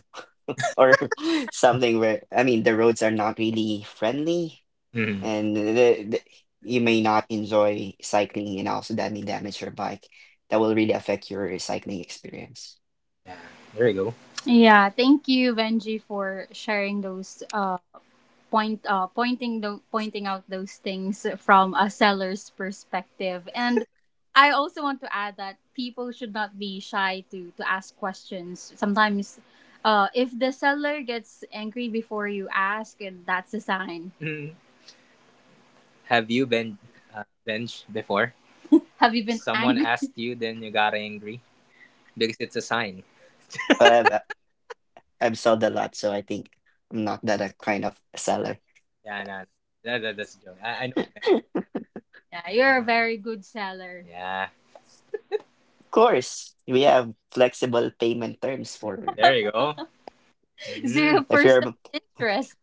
Speaker 2: or something, where I mean the roads are not really friendly,
Speaker 3: Hmm.
Speaker 2: and the, the, you may not enjoy cycling, and also that may damage your bike. That will really affect your cycling experience.
Speaker 3: Yeah. There you go. Yeah, thank you, Benji, for sharing those uh point uh pointing the pointing out those things from a seller's perspective. And I also want to add that people should not be shy to to ask questions. Sometimes, uh, if the seller gets angry before you ask, and that's a sign. Mm. Have you been uh, benched before? Have you been, someone angry asked you, then you got angry, because it's a sign.
Speaker 2: But I've, I've sold a lot, so I think I'm not that a kind of
Speaker 3: Yeah,
Speaker 2: seller.
Speaker 3: yeah, nah, that, that, that's a joke. I, I know. Ben. Yeah, you're a very good seller. Yeah,
Speaker 2: Course, we have flexible payment terms for,
Speaker 3: there you go. Mhm. Zero
Speaker 2: if you're
Speaker 3: percent interest.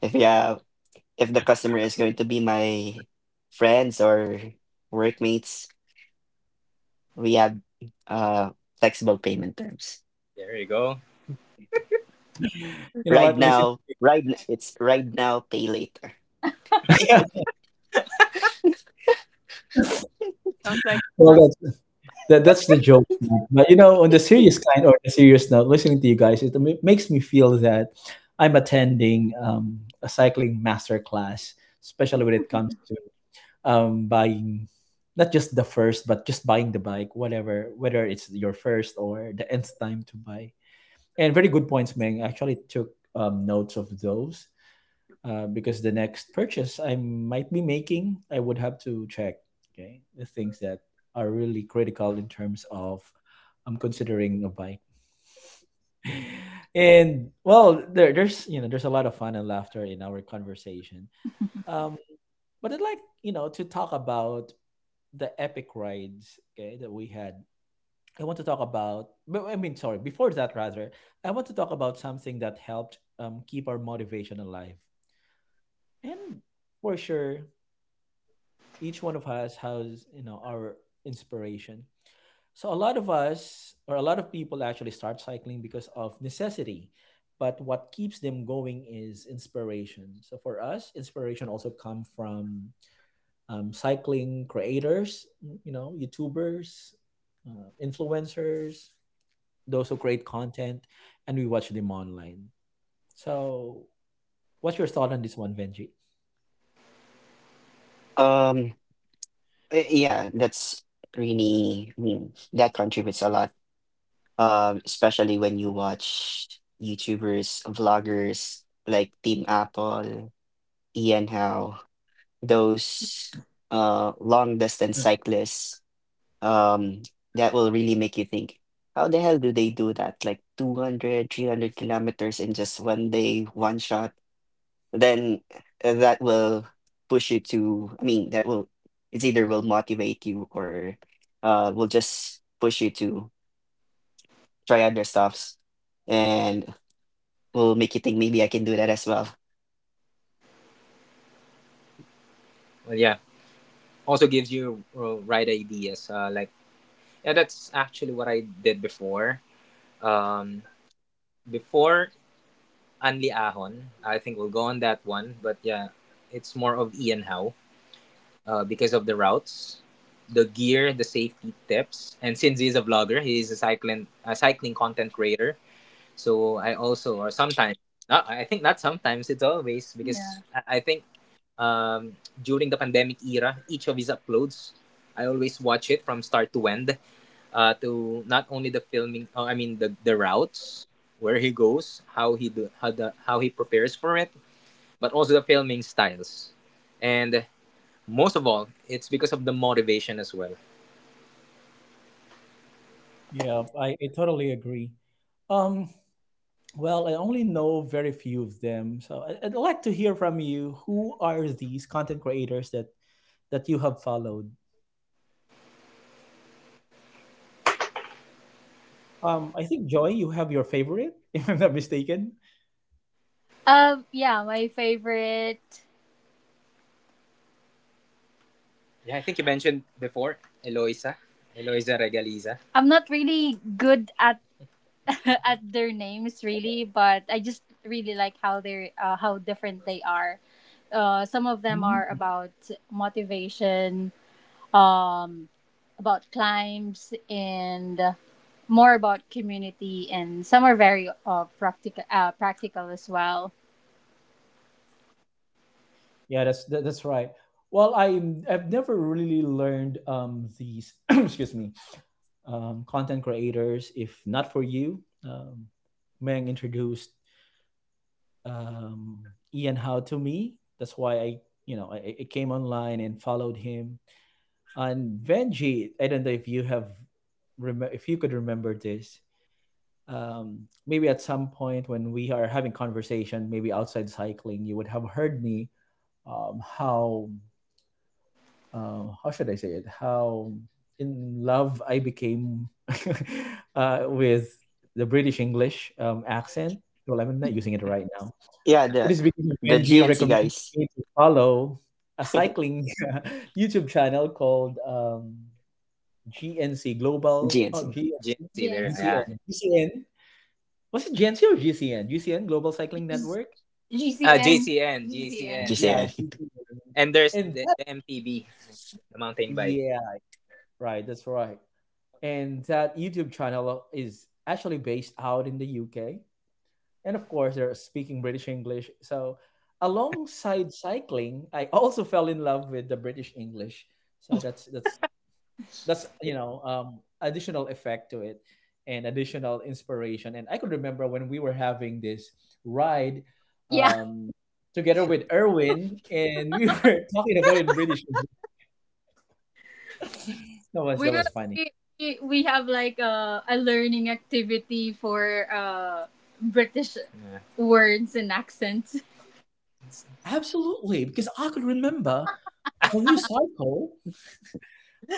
Speaker 2: if you have if the customer is going to be my friends or workmates, we have uh flexible payment terms.
Speaker 3: There you go.
Speaker 1: you know
Speaker 2: Right
Speaker 1: what? Listen.
Speaker 2: now, right n- it's right now, pay later.
Speaker 3: Sounds like
Speaker 1: Well,
Speaker 3: us.
Speaker 1: that's that, that's the joke, man. But you know, on the serious kind or the serious note, listening to you guys, it ma- makes me feel that I'm attending um, a cycling master class, especially when it comes to um, buying not just the first, but just buying the bike, whatever, whether it's your first or the nth time to buy. And very good points, Meng. I actually took um, notes of those, uh, because the next purchase I might be making, I would have to check okay the things that are really critical in terms of I'm considering a bike. And well, there, there's you know there's a lot of fun and laughter in our conversation. Um, but I'd like you know to talk about the epic rides, okay, that we had. I want to talk about. but- I mean, sorry. Before that, rather, I want to talk about something that helped um, keep our motivation alive. And for sure, each one of us has you know our inspiration. So a lot of us, or a lot of people, actually start cycling because of necessity, but what keeps them going is inspiration. So for us, inspiration also come from um, cycling creators, mm, you know youtubers, uh, influencers, those who create content, and we watch them online. So what's your thought on this one, Benji?
Speaker 2: Um, eh, yeah, that's really mm, that contributes a lot. Um, especially when you watch YouTubers, vloggers like Team Apple, Ian Howe. Those uh long distance cyclists, um that will really make you think, how the hell do they do that, like two hundred, three hundred kilometers in just one day, one shot. Then, uh, that will push you to, I mean, that will it's either will motivate you, or uh will just push you to try other stuffs, and will make you think, maybe I can do that as well.
Speaker 3: Well, yeah. Also gives you uh, right ideas. Uh, like yeah, that's actually what I did before. Um, Before Anli Ahon, I think we'll go on that one. But yeah, it's more of Ian Howe, uh, because of the routes, the gear, the safety tips, and since he's a vlogger, he's a cycling a cycling content creator. So I also, or sometimes, not, I think not sometimes, it's always because yeah. I, I think um, during the pandemic era, each of his uploads, I always watch it from start to end, uh, to not only the filming, uh, I mean the, the routes, where he goes, how he do, how the how he prepares for it, but also the filming styles, and most of all, it's because of the motivation as well.
Speaker 1: Yeah, I, I totally agree. Um, Well, I only know very few of them. So I- I'd like to hear from you. Who are these content creators that that you have followed? Um, I think Joy, you have your favorite, if I'm not mistaken.
Speaker 3: Um, yeah, my favorite. Yeah, I think you mentioned before Eloisa, Eloisa Regaliza. I'm not really good at at their names really, but I just really like how they're uh, how different they are. Uh, some of
Speaker 1: Mm,
Speaker 3: them are about motivation, um, about climbs, and more about community, and some are very uh, practical, uh, practical as well.
Speaker 1: yeah, that's that, that's right. Well, I I've never really learned um, these excuse me um, content creators. If not for you, um, Meng introduced um, Ian How to me. That's why I you know I, I came online and followed him. And Venji, I don't know if you have remember if you could remember this. Um, maybe at some point when we are having conversation, maybe outside cycling, you would have heard me um, how uh, how should I say it? How in love I became uh, with the British English um, accent. Well, I'm not using it right now.
Speaker 2: Yeah,
Speaker 1: It
Speaker 2: the
Speaker 1: is because of
Speaker 2: the
Speaker 1: Benji
Speaker 2: GNC
Speaker 1: recommended
Speaker 2: guys.
Speaker 1: me to follow a cycling YouTube channel called um, GNC Global. Oh,
Speaker 2: GNC.
Speaker 1: GNC,
Speaker 3: G N C there, G N C. Yeah.
Speaker 1: GCN, GCN. Was it GNC or GCN? GCN Global Cycling Network.
Speaker 3: G C N. Ah, G C N, yeah.
Speaker 1: Yeah, G C N.
Speaker 3: And there's
Speaker 1: And
Speaker 3: the,
Speaker 1: that,
Speaker 3: the M T B, the mountain bike.
Speaker 1: yeah, right. That's right. And that YouTube channel is actually based out in the U K. And of course, they're speaking British English. So, alongside cycling, I also fell in love with the British English. So that's that's that's you know um, additional effect to it, and additional inspiration. And I could remember when we were having this ride
Speaker 3: Yeah,
Speaker 1: um, together with Erwin, and we were talking about it in British English. That was
Speaker 3: we
Speaker 1: that was
Speaker 3: will-
Speaker 1: funny.
Speaker 3: we we we have like a, a learning activity for uh British Yeah. words and accents. It's,
Speaker 1: Absolutely, because I could remember when you cycle,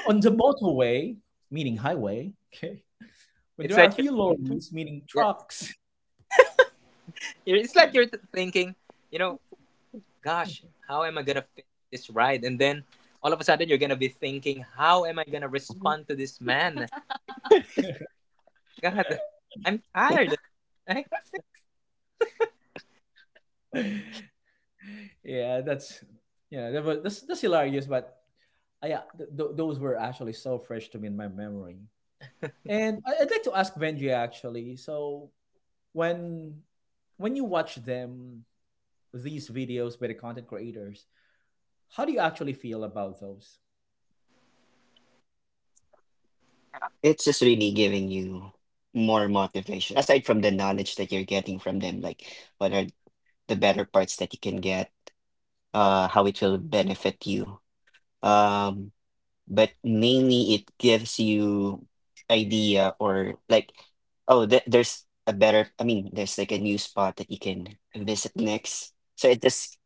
Speaker 1: on the motorway, meaning highway, okay, when
Speaker 3: it's
Speaker 1: there are
Speaker 3: like you're,
Speaker 1: few lorries, meaning
Speaker 3: yeah,
Speaker 1: trucks.
Speaker 3: you're- it's like you're th- thinking, you know, gosh, how am I gonna finish this ride? And then all of a sudden you're gonna be thinking, how am I gonna respond to this man? God, I'm tired. Right?
Speaker 1: Yeah, that's yeah, that was, that's that's hilarious. But I, yeah, th- th- those were actually so fresh to me in my memory. And I- I'd like to ask Benji actually. So when when you watch them, these videos by the content creators, how do you actually feel about those?
Speaker 2: It's just really giving you more motivation, aside from the knowledge that you're getting from them, like what are the better parts that you can get, uh how it will benefit you. um but mainly, it gives you idea, or like, oh, th- there's a better, I mean, there's like a new spot that you can visit next. So it just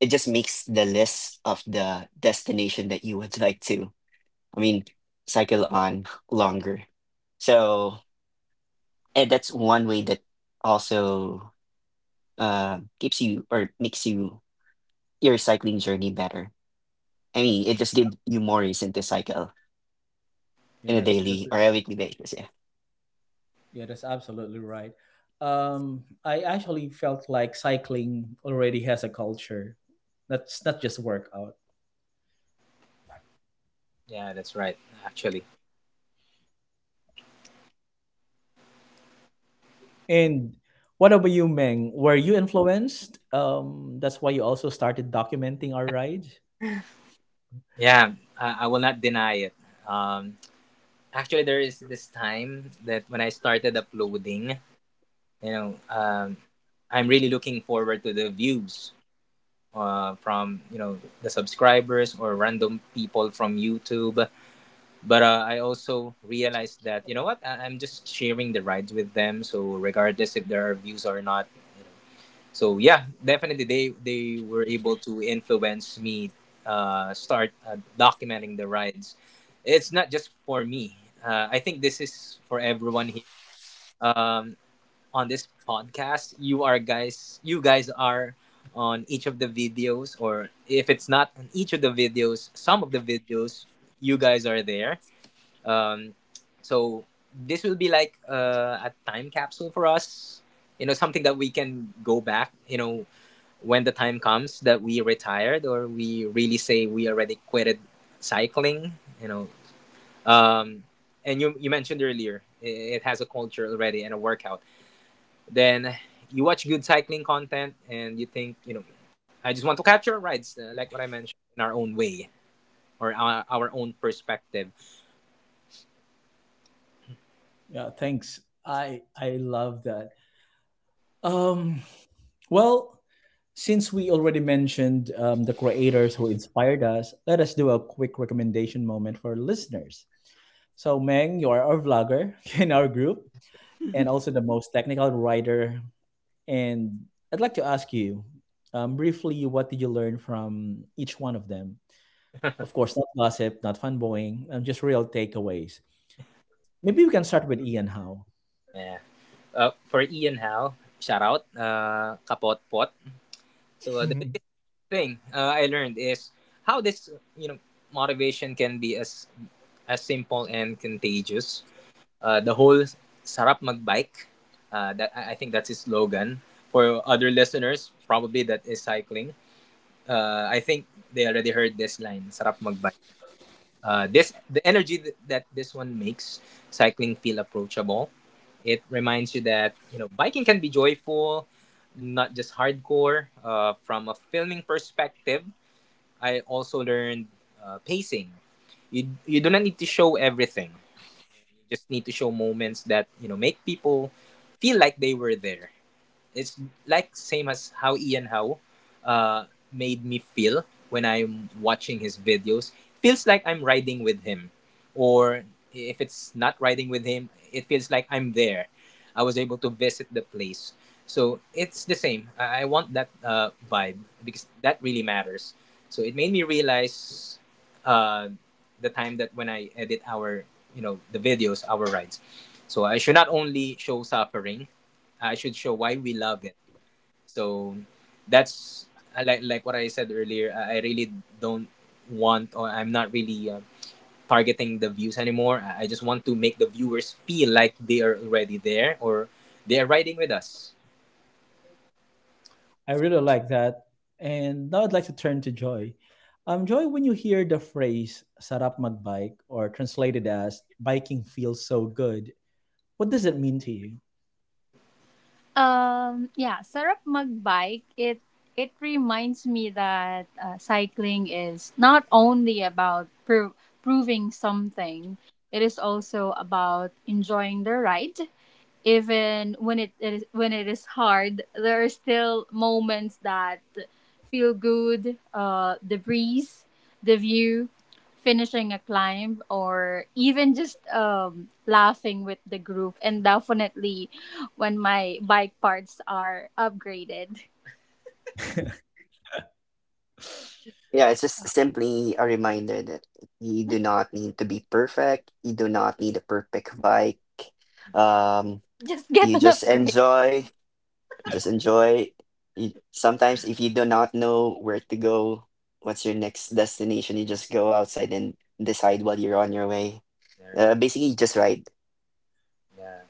Speaker 2: it just makes the list of the destination that you would like to, I mean, cycle on longer. So, and that's one way that also, uh, keeps you, or makes you your cycling journey better. I mean, it just gives you more reason to cycle
Speaker 1: Yeah,
Speaker 2: in a
Speaker 1: that's that's,
Speaker 2: daily or
Speaker 1: that's
Speaker 2: a weekly basis. Yeah,
Speaker 1: Yeah, that's absolutely right. Um, I actually felt like cycling already has a culture. That's not just workout.
Speaker 3: Yeah, that's right. Actually,
Speaker 1: And what about you, Meng? Were you influenced? Um, that's why you also started documenting our rides.
Speaker 3: yeah, I, I will not deny it. Um, actually there is this time that when I started uploading, you know, um, I'm really looking forward to the views uh, from you know the subscribers or random people from YouTube. But uh, I also realized that you know what I- I'm just sharing the rides with them, so regardless if there are views or not. So yeah, definitely they they were able to influence me uh, start uh, documenting the rides. It's not just for me. Uh, I think this is for everyone here um, on this podcast. You are guys, you guys are on each of the videos, or if it's not on each of the videos, some of the videos, you guys are there. Um, so this will be like uh, a time capsule for us. You know, something that we can go back. You know, when the time comes that we retired or we really say we already quitted cycling. You know, um, and you you mentioned earlier i- it has a culture already and a workout, then you watch good cycling content and you think, you know, I just want to capture rides, uh, like what I mentioned, in our own way or our, our own perspective.
Speaker 1: Yeah, thanks. I I love that. Um, well, since we already mentioned um, the creators who inspired us, let us do a quick recommendation moment for listeners. So, Meng, you are our vlogger in our group and also the most technical writer. And I'd like to ask you um, briefly what did you learn from each one of them? Of course, not gossip, not fanboying, um, just real takeaways. Maybe we can start with Ian Howe.
Speaker 3: Yeah. Uh, for Ian Hal, shout out, uh, kapot pot. So uh, the biggest thing uh, I learned is how this, you know, motivation can be as as simple and contagious, uh, the whole sarap magbike, uh, that i I think that's his slogan. For other listeners probably, that is cycling. Uh, I think they already heard this line. Sarap magbike. Uh, this the energy th- that this one makes cycling feel approachable. It reminds you that you know biking can be joyful, not just hardcore. Uh, from a filming perspective, I also learned uh, pacing. You you do not need to show everything. You just need to show moments that you know make people feel like they were there. It's like same as how Ian Howe uh, made me feel when I'm watching his videos. Feels like I'm riding with him, or if it's not riding with him, it feels like I'm there. I was able to visit the place, so it's the same. I I want that uh, vibe because that really matters. So it made me realize uh, the time that when I edit our, you know, the videos, our rides. So I should not only show suffering, I should show why we love it. So that's, I like like what I said earlier. I I really don't want, or I'm not really uh, targeting the views anymore. I I just want to make the viewers feel like they are already there, or they are riding with us.
Speaker 1: I really like that. And now I'd like to turn to Joy. Um, Joy, when you hear the phrase sarap magbike or translated as biking feels so good, what does it mean to you?
Speaker 3: Um, yeah, sarap magbike. It it reminds me that uh, cycling is not only about pro- proving something. It is also about enjoying the ride, even when it is when it is hard. There are still moments that feel good, uh the breeze, the view, finishing a climb, or even just um laughing with the group, and definitely when my bike parts are upgraded.
Speaker 2: yeah. It's just simply a reminder that you do not need to be perfect. You do not need a perfect bike. Um,
Speaker 3: Just get
Speaker 2: you
Speaker 3: an
Speaker 2: just
Speaker 3: upgrade.
Speaker 2: enjoy. Just enjoy. You, sometimes, if you do not know where to go, what's your next destination, you just go outside and decide while you're on your way.
Speaker 3: There you
Speaker 2: Uh,
Speaker 3: go.
Speaker 2: basically, just ride.
Speaker 3: Yeah.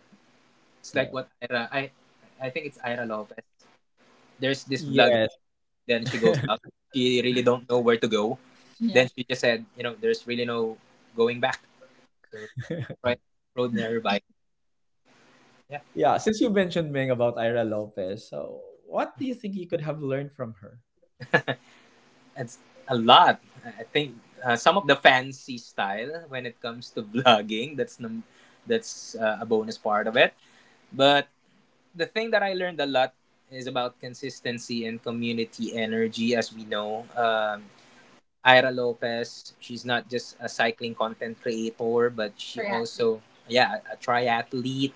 Speaker 3: It's like
Speaker 1: Yeah.
Speaker 3: what Ira I I think it's Ira Lopez. There's this vlog.
Speaker 1: Yes.
Speaker 3: Then she goes out. She really don't know where to go. Yeah. Then she just said, you know, there's really no going back. So right, rode nearby. Yeah,
Speaker 1: Yeah. Since you mentioned Ming about Ira Lopez, so what do you think you could have learned from her?
Speaker 3: it's a lot. I think uh, some of the fancy style when it comes to vlogging. That's num- that's uh, a bonus part of it. But the thing that I learned a lot is about consistency and community energy. As we know, um, Ira Lopez, she's not just a cycling content creator, but she Triathlete. Also yeah a triathlete,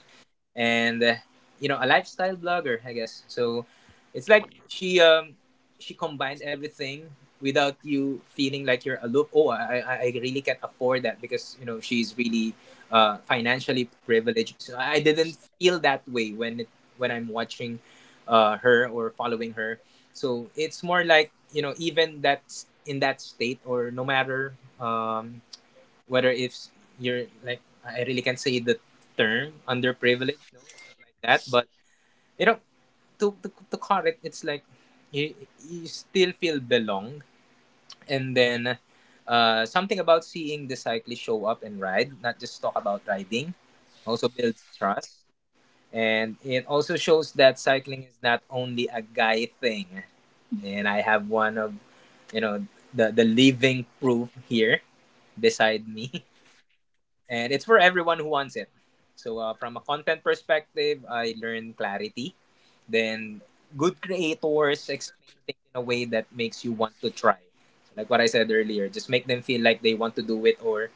Speaker 3: and uh, you know, a lifestyle blogger, I guess. So it's like she, um she combined everything without you feeling like you're a aloof, oh, i i I really can't afford that because you know she's really uh financially privileged. So I didn't feel that way when it, when I'm watching uh her or following her. So it's more like you know even that in that state, or no matter, um whether if you're like, I really can't say the term underprivileged. No, it's not like that. But you know, to to, to call it, it's like you you still feel belong. And then uh, something about seeing the cyclist show up and ride, not just talk about riding, also builds trust. And it also shows that cycling is not only a guy thing. And I have one of, you know, the the living proof here beside me. And it's for everyone who wants it. So uh, from a content perspective, I learned clarity. Then good creators explain things in a way that makes you want to try. So like what I said earlier, just make them feel like they want to do it, or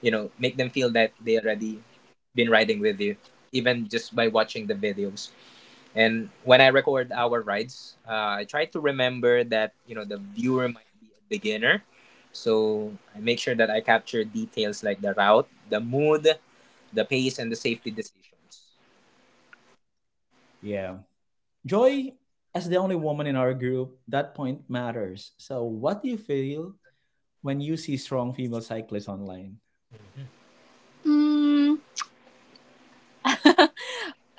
Speaker 3: you know, make them feel that they already been riding with you, even just by watching the videos. And when I record our rides, uh, I try to remember that you know the viewer might be a beginner. So I make sure that I capture details like the route, the mood, the pace and the safety decisions.
Speaker 1: Yeah. Joy, as the only woman in our group, that point matters. So, what do you feel when you see strong female cyclists online?
Speaker 3: Mm,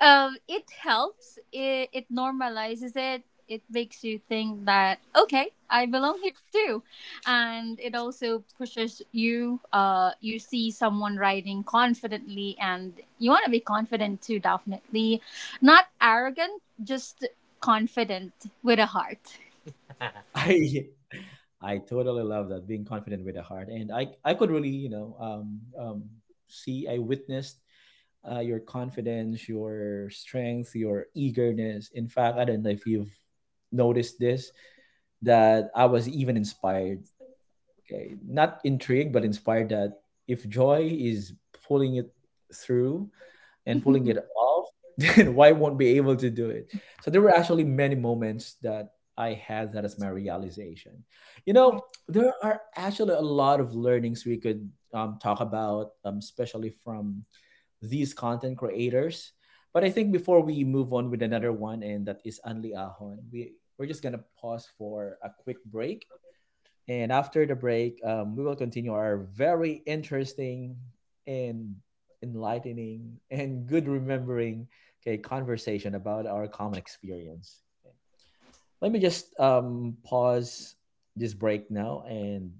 Speaker 3: um, it helps. It, it normalizes it. It makes you think that, okay, I belong here too. And it also pushes you, uh, you see someone riding confidently and you want to be confident too, definitely. Not arrogant, just confident with a heart.
Speaker 1: I I totally love that being confident with the heart, and I I could really you know um um see I witnessed uh, your confidence, your strength, your eagerness. In fact, I don't know if you've noticed this that I was even inspired, okay, not intrigued but inspired that if Joy is pulling it through, and pulling it off, then why won't be able to do it? So there were actually many moments that I had that as my realization. You know, there are actually a lot of learnings we could um, talk about, um, especially from these content creators. But I think before we move on with another one, and that is Anli Ahon, we, we're just going to pause for a quick break and after the break, um, we will continue our very interesting and enlightening and good remembering, okay, conversation about our common experience. Let me just um, pause this break now and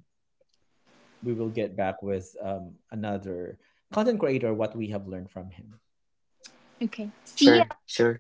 Speaker 1: we will get back with um, another content creator, what we have learned from him.
Speaker 3: Okay. See
Speaker 2: Sure,
Speaker 3: ya.
Speaker 2: sure.